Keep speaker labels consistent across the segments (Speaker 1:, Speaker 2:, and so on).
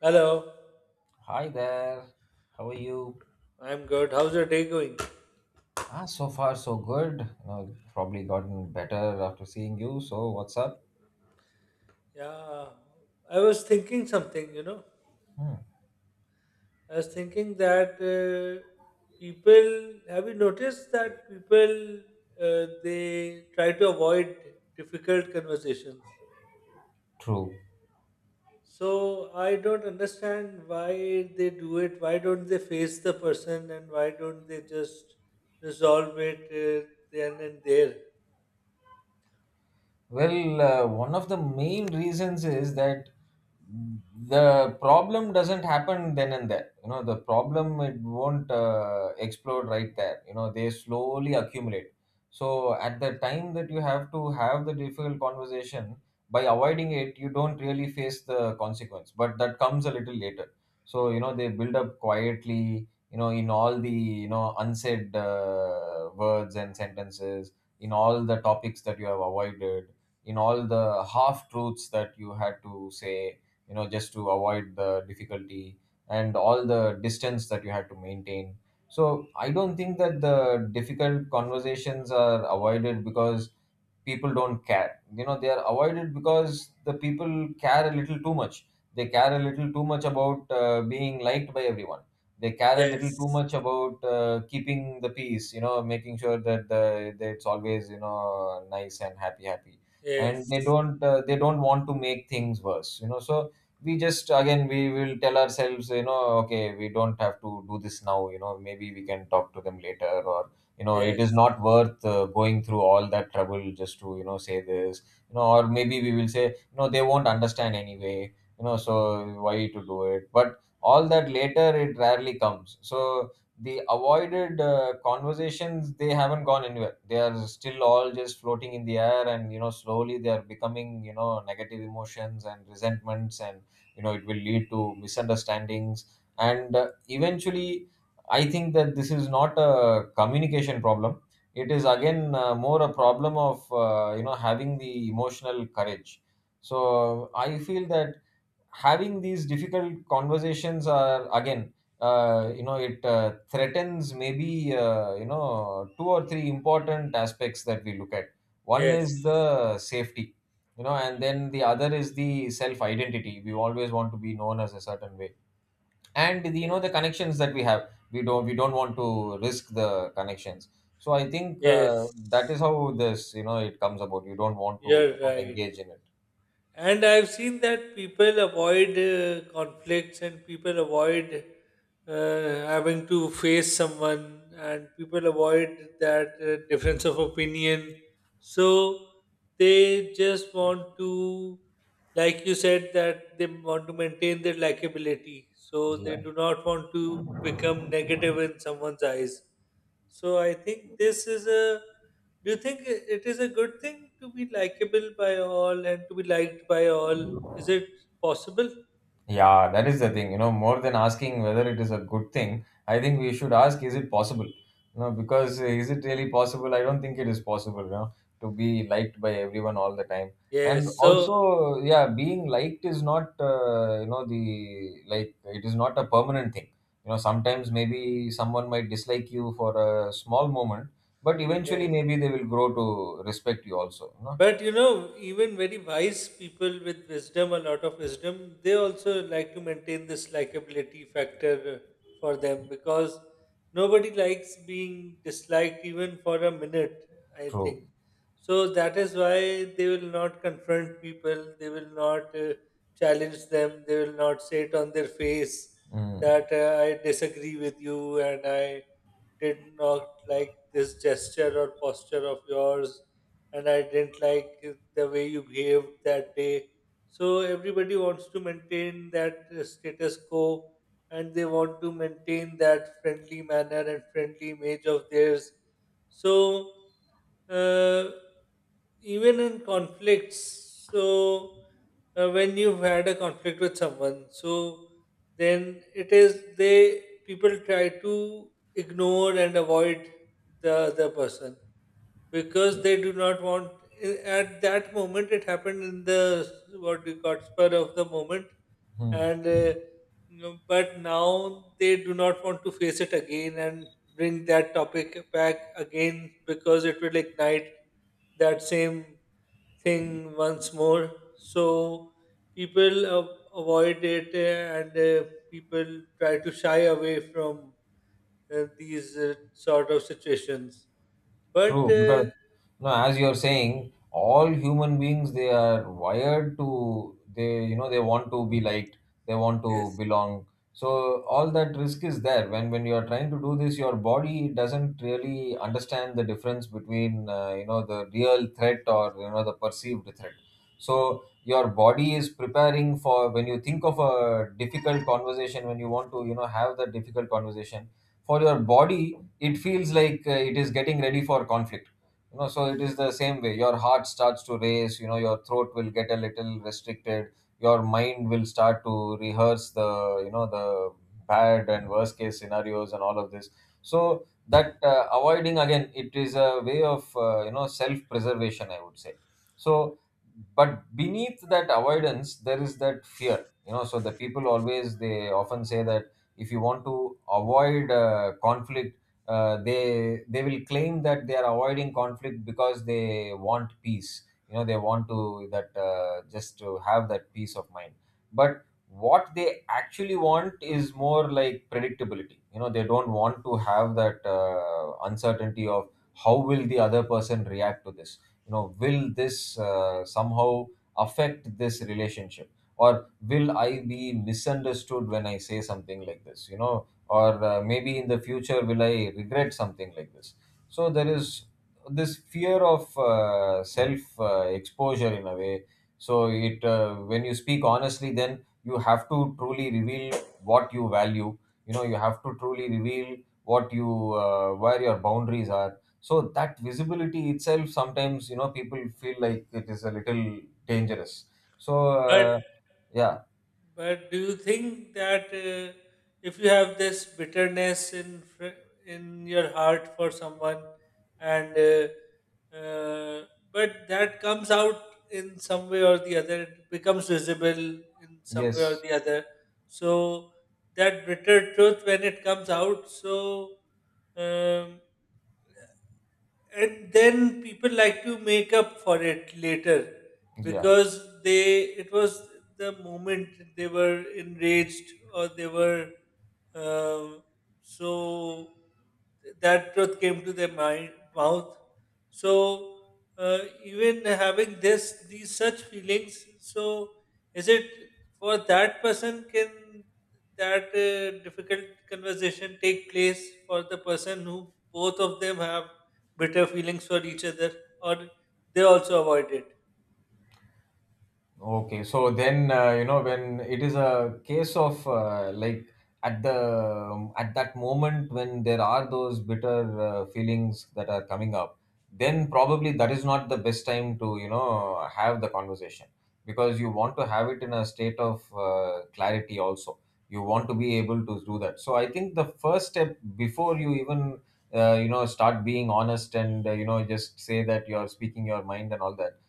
Speaker 1: Hello,
Speaker 2: Hi there. How are you?
Speaker 1: I'm good. How's your day going?
Speaker 2: Ah, so far so good. You know, probably gotten better after seeing you. So what's up?
Speaker 1: Yeah, I was thinking something. I was thinking that people, have you noticed that people, they try to avoid difficult conversations?
Speaker 2: True.
Speaker 1: So I don't understand why they do it. Why don't they face the person and why don't they just resolve it then and there?
Speaker 2: Well, one of the main reasons is that the problem doesn't happen then and there. You know, the problem it won't explode right there. You know, they slowly accumulate. So at the time that you have to have the difficult conversation, by avoiding it, you don't really face the consequence. But that comes a little later. So you know, they build up quietly. You know, in all the you know unsaid words and sentences, in all the topics that you have avoided in all the half truths that you had to say, you know, just to avoid the difficulty and all the distance that you had to maintain. So I don't think that the difficult conversations are avoided because people don't care, you know they are avoided because the people care a little too much. They care a little too much about being liked by everyone. They care a little too
Speaker 1: Yes,
Speaker 2: much about keeping the peace, you know, making sure that the that it's always you know nice and happy happy. And they
Speaker 1: yes,
Speaker 2: don't uh, they don't want to make things worse, you know, so we just again we will tell ourselves, you know, okay, we don't have to do this now. You know, maybe we can talk to them later, or you know it is
Speaker 1: yes,
Speaker 2: not worth going through all that trouble just to you know say this. You know, or maybe we will say you know they won't understand anyway, you know, so why to do it? But all that later it rarely comes. So the avoided conversations, they haven't gone anywhere. They are still all just floating in the air, and you know slowly they are becoming you know negative emotions and resentments. And you know it will lead to misunderstandings and eventually I think that this is not a communication problem. It is again more a problem of you know having the emotional courage. So I feel that having these difficult conversations are again, you know, it threatens maybe you know two or three important aspects that we look at. One is
Speaker 1: yes,
Speaker 2: the safety, you know, and then the other is the self identity. We always want to be known as a certain way, and the, you know the
Speaker 1: yes.
Speaker 2: connections that we have, we don't want to risk the connections. So I think
Speaker 1: Yes,
Speaker 2: that is how this you know it comes about. You don't want to you
Speaker 1: you're
Speaker 2: know
Speaker 1: right.
Speaker 2: engage in it.
Speaker 1: And I've seen that people avoid conflicts and people avoid uh, having to face someone and people avoid that difference of opinion. So they just want to, like you said, that they want to maintain their likability. So they
Speaker 2: Yeah.
Speaker 1: do not want to become negative in someone's eyes. So I think this is a. Do you think it is a good thing to be likable by all and to be liked by all? Is it possible?
Speaker 2: Yeah, that is the thing. You know, more than asking whether it is a good thing, I think we should ask, is it possible? You know, because is it really possible? I don't think it is possible, you know, to be liked by everyone all the time. And
Speaker 1: Yes. So,
Speaker 2: also, yeah, being liked is not, you know, the like it is not a permanent thing. You know, sometimes maybe someone might dislike you for a small moment, but eventually
Speaker 1: yes.
Speaker 2: maybe they will grow to respect you also, you know.
Speaker 1: But you know, even very wise people with wisdom, a lot of wisdom, they also like to maintain this likability factor for them because nobody likes being disliked even for a minute, I
Speaker 2: True.
Speaker 1: think. So that is why they will not confront people, they will not challenge them, they will not say it on their face
Speaker 2: Mm.
Speaker 1: that I disagree with you and I did not like this gesture or posture of yours, and I didn't like the way you behaved that day. So everybody wants to maintain that status quo and they want to maintain that friendly manner and friendly image of theirs. So uh, even in conflicts, so when you've had a conflict with someone, so then it is they, people try to ignore and avoid the other person because they do not want, at that moment it happened in the, what we got, spur of the moment,
Speaker 2: Hmm.
Speaker 1: and but now they do not want to face it again and bring that topic back again because it will ignite that same thing once more. So people avoid it, and people try to shy away from these sort of situations, but
Speaker 2: True, because no, as you're saying, all human beings, they are wired to they you know they want to be liked, they want to
Speaker 1: yes,
Speaker 2: belong. So all that risk is there. When you are trying to do this, your body doesn't really understand the difference between you know the real threat or you know the perceived threat. So your body is preparing for when you think of a difficult conversation, when you want to you know have that difficult conversation. For your body, it feels like it is getting ready for conflict. You know, so it is
Speaker 1: yeah.
Speaker 2: the same way. Your heart starts to race, you know, your throat will get a little restricted, your mind will start to rehearse the you know the bad and worst case scenarios and all of this. So that avoiding, again, it is a way of you know self preservation, I would say. So but beneath that avoidance there is that fear. You know, so the people always, they often say that if you want to avoid conflict, they will claim that they are avoiding conflict because they want peace. You know, they want to that just to have that peace of mind. But what they actually want is more like predictability. You know, they don't want to have that uncertainty of how will the other person react to this. You know, will this somehow affect this relationship, or will I be misunderstood when I say something like this? You know, or maybe in the future will I regret something like this? So there is this fear of self exposure in a way. So it when you speak honestly, then you have to truly reveal what you value. You know, you have to truly reveal what you where your boundaries are. So that visibility itself, sometimes you know people feel like it is a little dangerous. So
Speaker 1: but
Speaker 2: uh, yeah.
Speaker 1: But do you think that if you have this bitterness in in your heart for someone, and uh, but that comes out in some way or the other, it becomes visible in some way or
Speaker 2: Yes.
Speaker 1: the other. So that bitter truth, when it comes out, so um, and then people like to make up for it later
Speaker 2: Yeah.
Speaker 1: because they it was the moment they were enraged or they were, um, so that truth came to their mind mouth. So even having this, these such feelings, so is it for that person can that difficult conversation take place for the person who both of them have bitter feelings for each other, or they also avoid it.
Speaker 2: Okay, so then you know when it is a case of like at the at that moment when there are those bitter feelings that are coming up, then probably that is not the best time to you know have the conversation, because you want to have it in a state of clarity also. You want to be able to do that. So I think the first step, before you even you know start being honest and you know just say that you're speaking your mind and all that,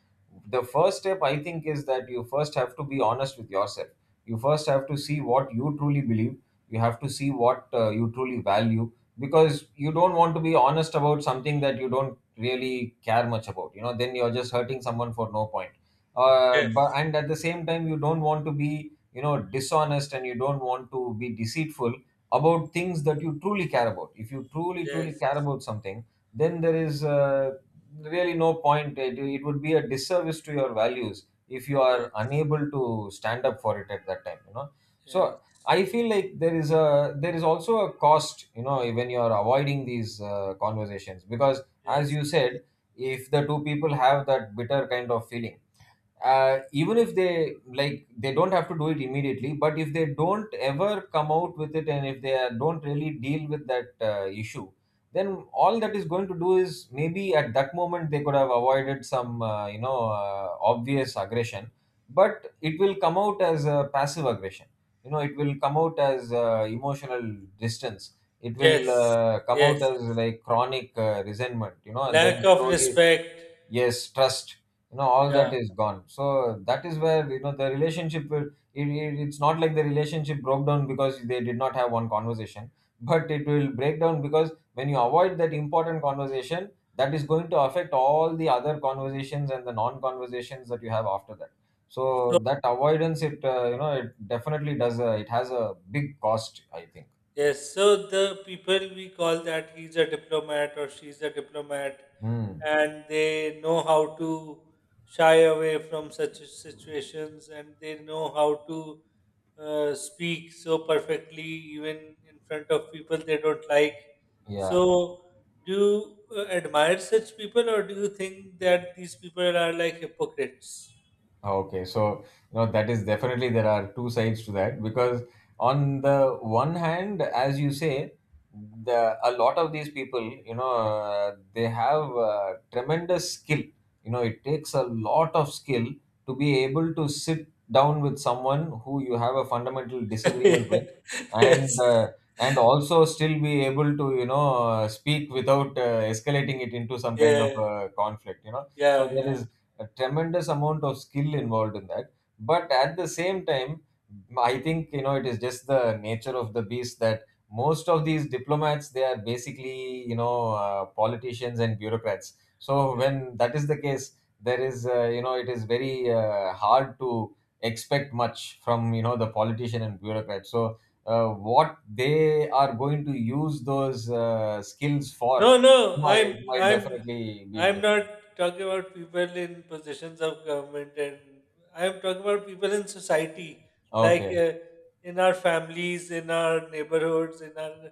Speaker 2: the first step I think is that you first have to be honest with yourself. You first have to see what you truly believe. You have to see what you truly value, because you don't want to be honest about something that you don't really care much about. You know, then you're just hurting someone for no point.
Speaker 1: Yes,
Speaker 2: But and at the same time, you don't want to be you know dishonest, and you don't want to be deceitful about things that you truly care about. If you truly truly care
Speaker 1: yes,
Speaker 2: about something, then there is really no point. It would be a disservice to your values if you are
Speaker 1: yes,
Speaker 2: unable to stand up for it at that time. You know, so
Speaker 1: yes,
Speaker 2: I feel like there is a there is also a cost. You know, when you are avoiding these conversations, because as
Speaker 1: yes,
Speaker 2: you said, if the two people have that bitter kind of feeling, even if they like they don't have to do it immediately, but if they don't ever come out with it, and if don't really deal with that issue, then all that is going to do is maybe at that moment they could have avoided some you know obvious aggression, but it will come out as a passive aggression. You know, it will come out as emotional distance. It will
Speaker 1: yes,
Speaker 2: come out
Speaker 1: yes.
Speaker 2: as like chronic resentment. You know, and then
Speaker 1: Lack of
Speaker 2: slowly
Speaker 1: respect.
Speaker 2: yes trust, you know all that
Speaker 1: Yeah.
Speaker 2: is gone. So that is where you know the relationship will it's not like the relationship broke down because they did not have one conversation, but it will break down because when you avoid that important conversation, that is going to affect all the other conversations and the non conversations that you have after that.
Speaker 1: So
Speaker 2: So that avoidance, it you know, it definitely does a, it has a big cost I think.
Speaker 1: yes, so the people we call that he's a diplomat or she's a diplomat
Speaker 2: Hmm.
Speaker 1: and they know how to shy away from such situations and they know how to speak so perfectly even in front of people they don't like.
Speaker 2: Yeah.
Speaker 1: So do you admire such people or do you think that these people are like hypocrites?
Speaker 2: Ah, okay, so you know that is definitely there are two sides to that, because on the one hand, as you say, the a lot of these people, you know, they have tremendous skill. You know, it takes a lot of skill to be able to sit down with someone who you have a fundamental disagreement with,
Speaker 1: Yes,
Speaker 2: and uh,
Speaker 1: yes,
Speaker 2: and also still be able to you know speak without escalating it into some kind of conflict. You know, so
Speaker 1: yeah,
Speaker 2: there
Speaker 1: yeah,
Speaker 2: is a tremendous amount of skill involved in that. But at the same time, I think you know it is just the nature of the beast that most of these diplomats, they are basically you know politicians and bureaucrats. So
Speaker 1: yeah.
Speaker 2: when that is the case, there is you know it is very hard to expect much from you know the politician and bureaucrat. So what they are going to use those skills
Speaker 1: No,
Speaker 2: for
Speaker 1: no, I'm
Speaker 2: might
Speaker 1: I'm
Speaker 2: definitely be
Speaker 1: I'm not
Speaker 2: different.
Speaker 1: talking about people in positions of government, and I'm talking about people in society, like
Speaker 2: Okay.
Speaker 1: in our families, in our neighborhoods, in our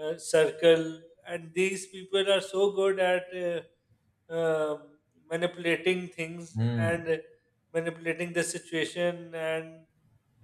Speaker 1: circle, and these people are so good at um manipulating things
Speaker 2: Hmm.
Speaker 1: and manipulating the situation and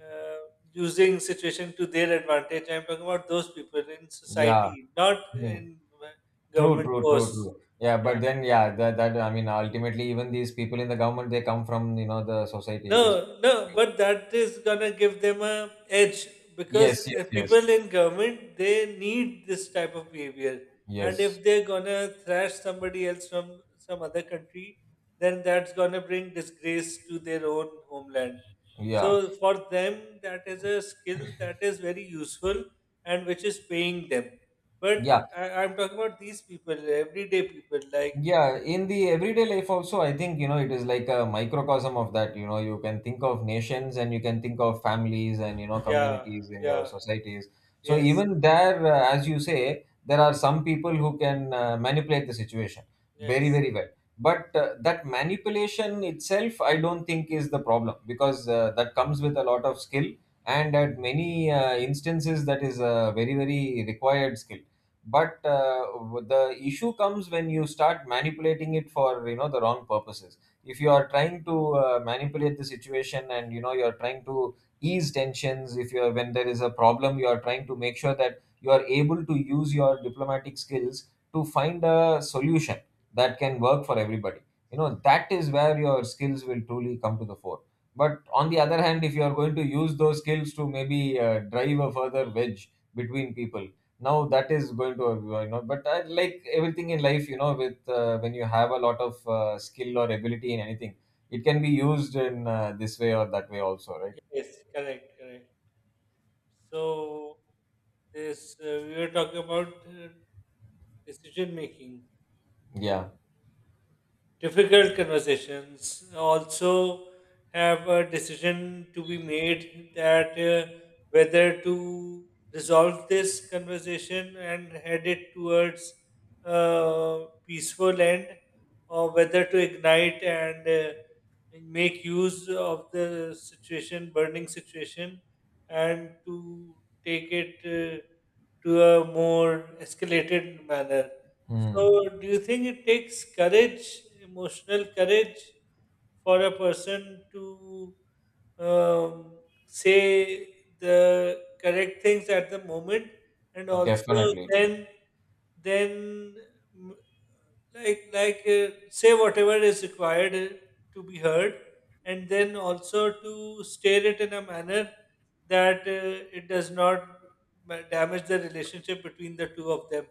Speaker 1: uh, using situation to their advantage. I'm talking about those people in
Speaker 2: Yeah,
Speaker 1: society, not
Speaker 2: yeah.
Speaker 1: in
Speaker 2: True,
Speaker 1: government
Speaker 2: true, true,
Speaker 1: posts.
Speaker 2: true. Yeah, but
Speaker 1: Yeah.
Speaker 2: then yeah, that I mean, ultimately, even these people in the government, they come from, you know, the society.
Speaker 1: No,
Speaker 2: It is.
Speaker 1: no, but that is gonna give them a edge because
Speaker 2: Yes, yes, yes,
Speaker 1: people in government they need this type of behavior, and if
Speaker 2: yes.
Speaker 1: they're gonna thrash somebody else from some other country, then that's gonna bring disgrace to their own homeland.
Speaker 2: Yeah,
Speaker 1: So for them, that is a skill that is very useful and which is paying them. But
Speaker 2: yeah.
Speaker 1: I'm talking about these people, everyday people, like
Speaker 2: Yeah, in the everyday life also, I think, it is like a microcosm of that. You can think of nations and you can think of families and,
Speaker 1: yeah,
Speaker 2: communities in your
Speaker 1: yeah,
Speaker 2: societies. So
Speaker 1: yes,
Speaker 2: even there, as you say, there are some people who can manipulate the situation very,
Speaker 1: yes,
Speaker 2: very well. But that manipulation itself, I don't think is the problem, because that comes with a lot of skill, and at many instances that is a very, very required skill. But the issue comes when you start manipulating it for the wrong purposes. If you are trying to manipulate the situation, and you are trying to ease tensions, if you are, when there is a problem, you are trying to make sure that you are able to use your diplomatic skills to find a solution that can work for everybody, that is where your skills will truly come to the fore. But on the other hand, if you are going to use those skills to maybe drive a further wedge between people, now that is going to but I, like everything in life, with when you have a lot of skill or ability in anything, it can be used in this way or that way also, right?
Speaker 1: yes, correct, correct. So, this we were talking about decision making.
Speaker 2: Yeah.
Speaker 1: Difficult conversations also have a decision to be made, that whether to resolve this conversation and head it towards a peaceful end, or whether to ignite and make use of the situation, burning situation, and to take it to a more escalated manner.
Speaker 2: Hmm.
Speaker 1: So, do you think it takes courage, emotional courage, for a person to um, say the correct things at the moment, and also
Speaker 2: Definitely.
Speaker 1: then, mm, like say whatever is required to be heard, and then also to state it in a manner that it does not damage the relationship between the two of them.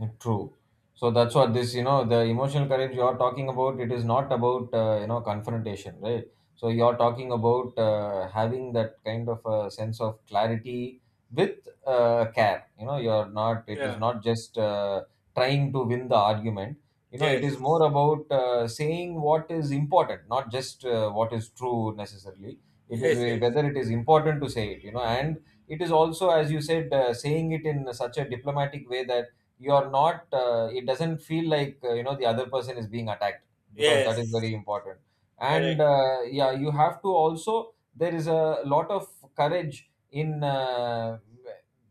Speaker 2: Mm. True. So that's what this, the emotional courage you're talking about, it is not about, confrontation, right? So you're talking about having that kind of a sense of clarity with care. You're not, it is
Speaker 1: Yeah.
Speaker 2: not just trying to win the argument. It is more
Speaker 1: Yes.
Speaker 2: about saying what is important, not just what is true necessarily. It is
Speaker 1: Yes, yes,
Speaker 2: whether it is important to say it, and it is also, as you said, saying it in such a diplomatic way that you're not, it doesn't feel like, the other person is being attacked, because that is
Speaker 1: yes,
Speaker 2: very important. And
Speaker 1: correct.
Speaker 2: yeah, you have to also, there is a lot of courage in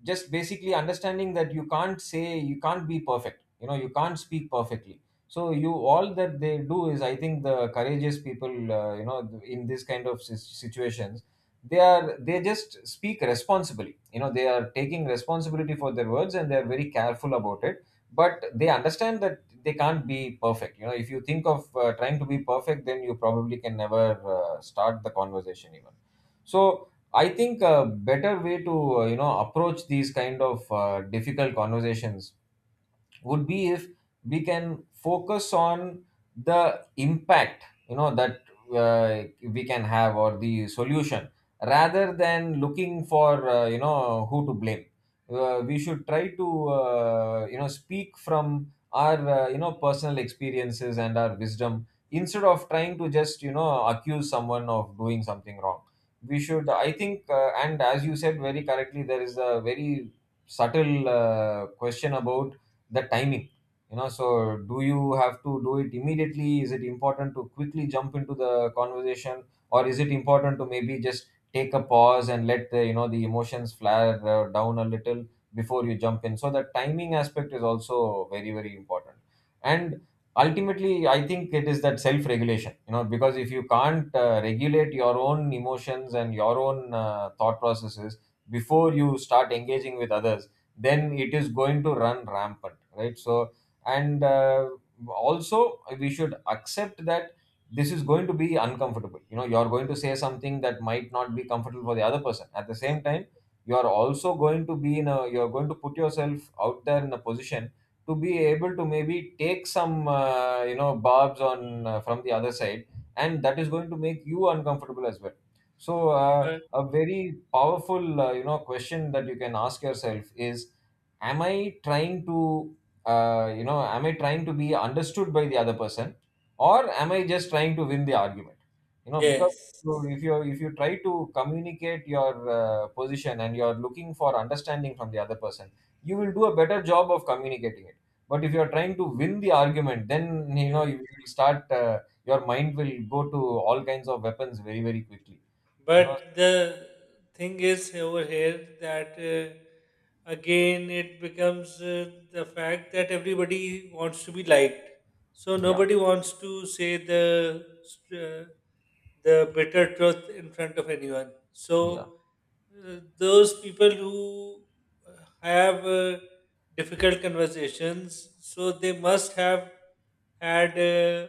Speaker 2: just basically understanding that you can't say, you can't be perfect, you can't speak perfectly. So you, all that they do is, I think the courageous people, in this kind of situations, they just speak responsibly. They are taking responsibility for their words, and they are very careful about it. But they understand that they can't be perfect. If you think of trying to be perfect, then you probably can never start the conversation even. So I think a better way to approach these kind of difficult conversations would be, if we can focus on the impact, that uh, we can have, or the solution, rather than looking for who to blame. We should try to speak from our personal experiences and our wisdom, instead of trying to just accuse someone of doing something wrong. We should,
Speaker 1: Yeah,
Speaker 2: I think, and as you said very correctly, there is a very subtle question about the timing, so, do you have to do it immediately? Is it important to quickly jump into the conversation, or is it important to maybe just take a pause and let the, the emotions flare down a little, before you jump in? So the timing aspect is also very, very important. And ultimately, I think it is that self regulation, because if you can't regulate your own emotions and your own thought processes before you start engaging with others, then it is going to run rampant, right? So, and also, we should accept that this is going to be uncomfortable. You're going to say something that might not be comfortable for the other person. At the same time, you're also going to be in a, you're going to put yourself out there in a position to be able to maybe take some barbs on, from the other side, and that is going to make you uncomfortable as well. So
Speaker 1: but
Speaker 2: a very powerful question that you can ask yourself is, am I trying to am I trying to be understood by the other person, or am I just trying to win the argument? Because
Speaker 1: yes,
Speaker 2: if you try to communicate your position, and you're looking for understanding from the other person, you will do a better job of communicating it. But if you're trying to win the argument, then
Speaker 1: yes.
Speaker 2: you will start, your mind will go to all kinds of weapons very, very quickly. you know
Speaker 1: But the thing is over here that again it becomes the fact that everybody wants to be liked. So
Speaker 2: yeah.
Speaker 1: nobody wants to say uh, the bitter truth in front of anyone.
Speaker 2: Yeah,
Speaker 1: So those people who have difficult conversations, so they must have had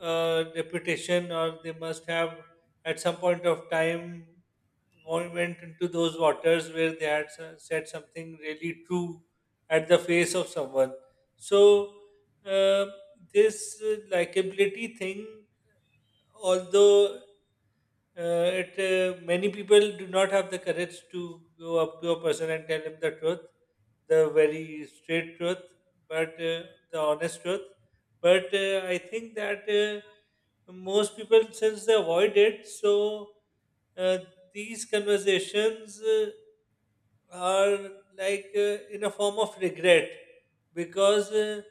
Speaker 1: a reputation, or they must have at some point of time went into those waters where they had said something really true at the face of someone. So uh, this likability thing, although it many people do not have the courage to go up to a person and tell him the truth, the very straight truth, but the honest truth. But I think that most people, since they avoid it, so uh, these conversations are like in a form of regret because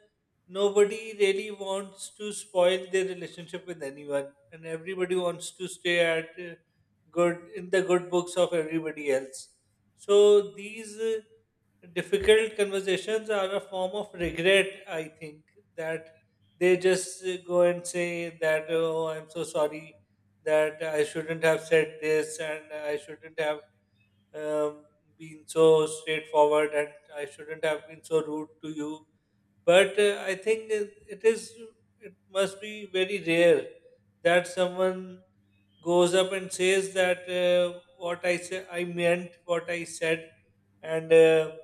Speaker 1: nobody really wants to spoil their relationship with anyone, and everybody wants to stay at good, in the good books of everybody else. So these difficult conversations are a form of regret, I think, that they just go and say that, oh, I'm so sorry that I shouldn't have said this, and I shouldn't have, um, been so straightforward, and I shouldn't have been so rude to you. But I think it, it is, it must be very rare that someone goes up and says that what I said, I meant what I said, and uh,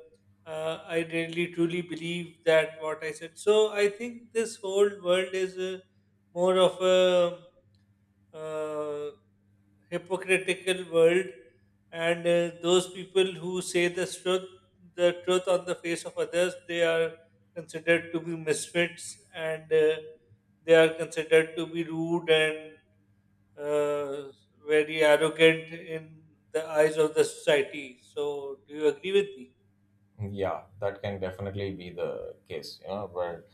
Speaker 1: uh, I really truly believe that what I said. So I think this whole world is more of a uh, hypocritical world, and those people who say the truth, the truth on the face of others, they are considered to be misfits, and they are considered to be rude and uh, very arrogant in the eyes of the society. So do you agree with me?
Speaker 2: yeah, that can definitely be the case. But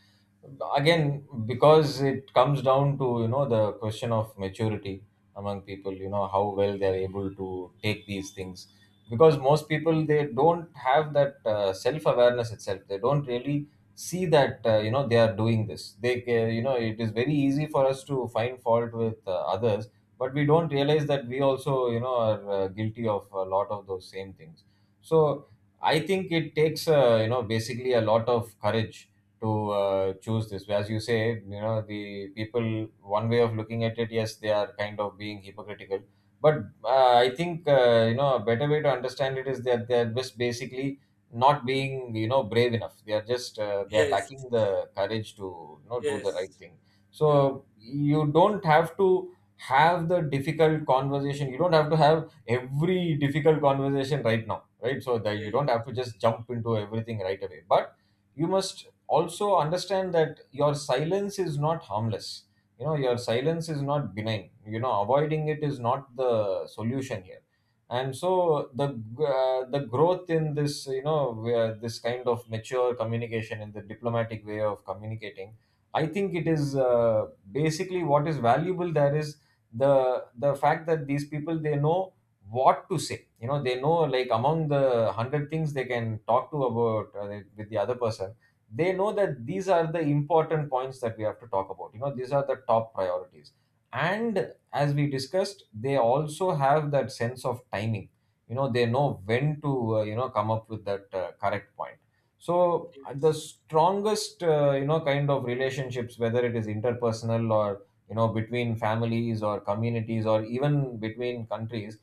Speaker 2: again, because it comes down to the question of maturity among people, how well they're able to take these things. Because most people, they don't have that self awareness itself. They don't really see that they are doing this. They it is very easy for us to find fault with others, but we don't realize that we also, are guilty of a lot of those same things. So I think it takes basically a lot of courage to choose this. As you say, the people, one way of looking at it, yes, they are kind of being hypocritical. But I think, a better way to understand it is that they are just basically not being, brave enough. They are just they are
Speaker 1: Yes,
Speaker 2: lacking the courage to do the
Speaker 1: yes,
Speaker 2: right thing.
Speaker 1: yeah,
Speaker 2: So you don't have to have the difficult conversation. You don't have to have every difficult conversation right now, right? So that, you
Speaker 1: yes,
Speaker 2: don't have to just jump into everything right away. But you must also understand that your silence is not harmless. Your silence is not benign. Avoiding it is not the solution here. And so the growth in this, where this kind of mature communication and the diplomatic way of communicating, I think it is basically, what is valuable there is the fact that these people, they know what to say. They know, like, among the 100 things they can talk to about, with the other person, they know that these are the important points that we have to talk about. These are the top priorities. And as we discussed, they also have that sense of timing. They know when to come up with that correct point. So the
Speaker 1: yes,
Speaker 2: strongest kind of relationships, whether it is interpersonal or between families or communities or even between countries,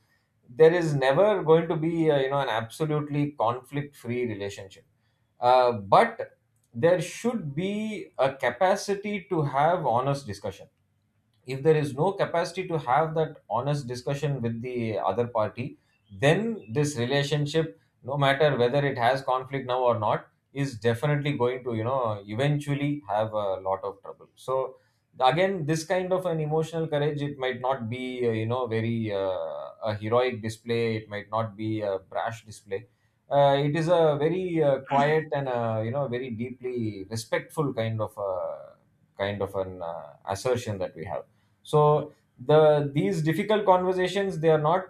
Speaker 2: there is never going to be an absolutely conflict free relationship. But there should be a capacity to have honest discussion. If there is no capacity to have that honest discussion with the other party, then this relationship, no matter whether it has conflict now or not, is definitely going to eventually have a lot of trouble. So again, this kind of an emotional courage, it might not be very, a heroic display. It might not be a brash display. It is a very quiet and very deeply respectful kind of an assertion that we have.
Speaker 1: yeah.
Speaker 2: So these difficult conversations, they are not,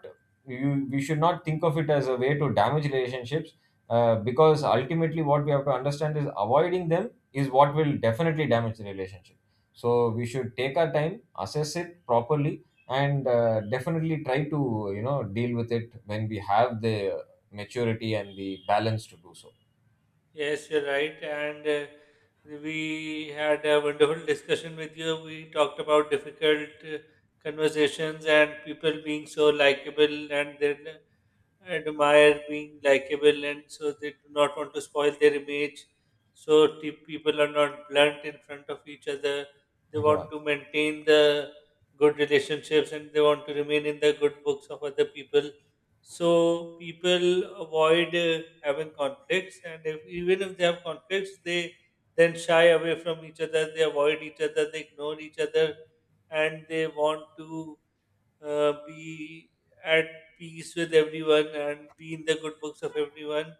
Speaker 2: we should not think of it as a way to damage relationships. Because ultimately, what we have to understand is, avoiding them is what will definitely damage the relationship. So we should take our time, assess it properly, and definitely try to deal with it when we have the maturity and the balance to do so.
Speaker 1: Yes, you're right. And we had a wonderful discussion with you. We talked about difficult conversations and people being so likable, and their admire being likable, and so they do not want to spoil their image. So people are not blunt in front of each other, they want
Speaker 2: Yeah.
Speaker 1: to maintain the good relationships, and they want to remain in the good books of other people. So people avoid having conflicts, and if, even if they have conflicts, they then shy away from each other, they avoid each other, they ignore each other, and they want to be at peace with everyone and be in the good books of everyone.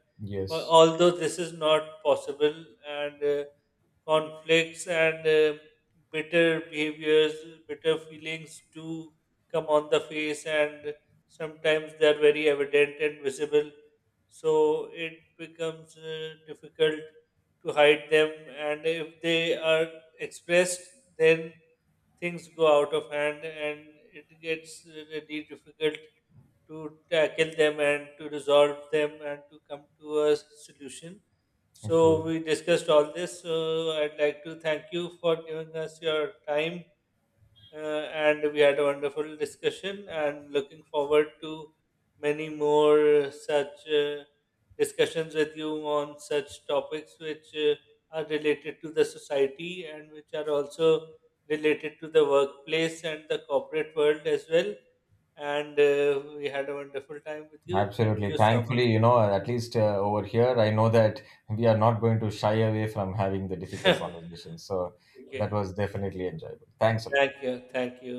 Speaker 1: But
Speaker 2: Yes.
Speaker 1: although this is not possible, and conflicts and bitter behaviors, bitter feelings do come on the face, and sometimes they are very evident and visible. So it becomes difficult to hide them, and if they are expressed, then things go out of hand, and it gets really difficult to tackle them and to resolve them and to come to a solution. So,
Speaker 2: True.
Speaker 1: we discussed all this. So, I'd like to thank you for giving us your time, uh, and we had a wonderful discussion, and looking forward to many more such discussions with you on such topics which are related to the society and which are also related to the workplace and the corporate world as well. And we had a wonderful time with you. Thank
Speaker 2: Absolutely.
Speaker 1: you so much.
Speaker 2: Thankfully, at least over here, I know that we are not going to shy away from having the difficult conversations. So that
Speaker 1: Okay,
Speaker 2: was definitely enjoyable. Thanks a lot.
Speaker 1: thank you, thank you.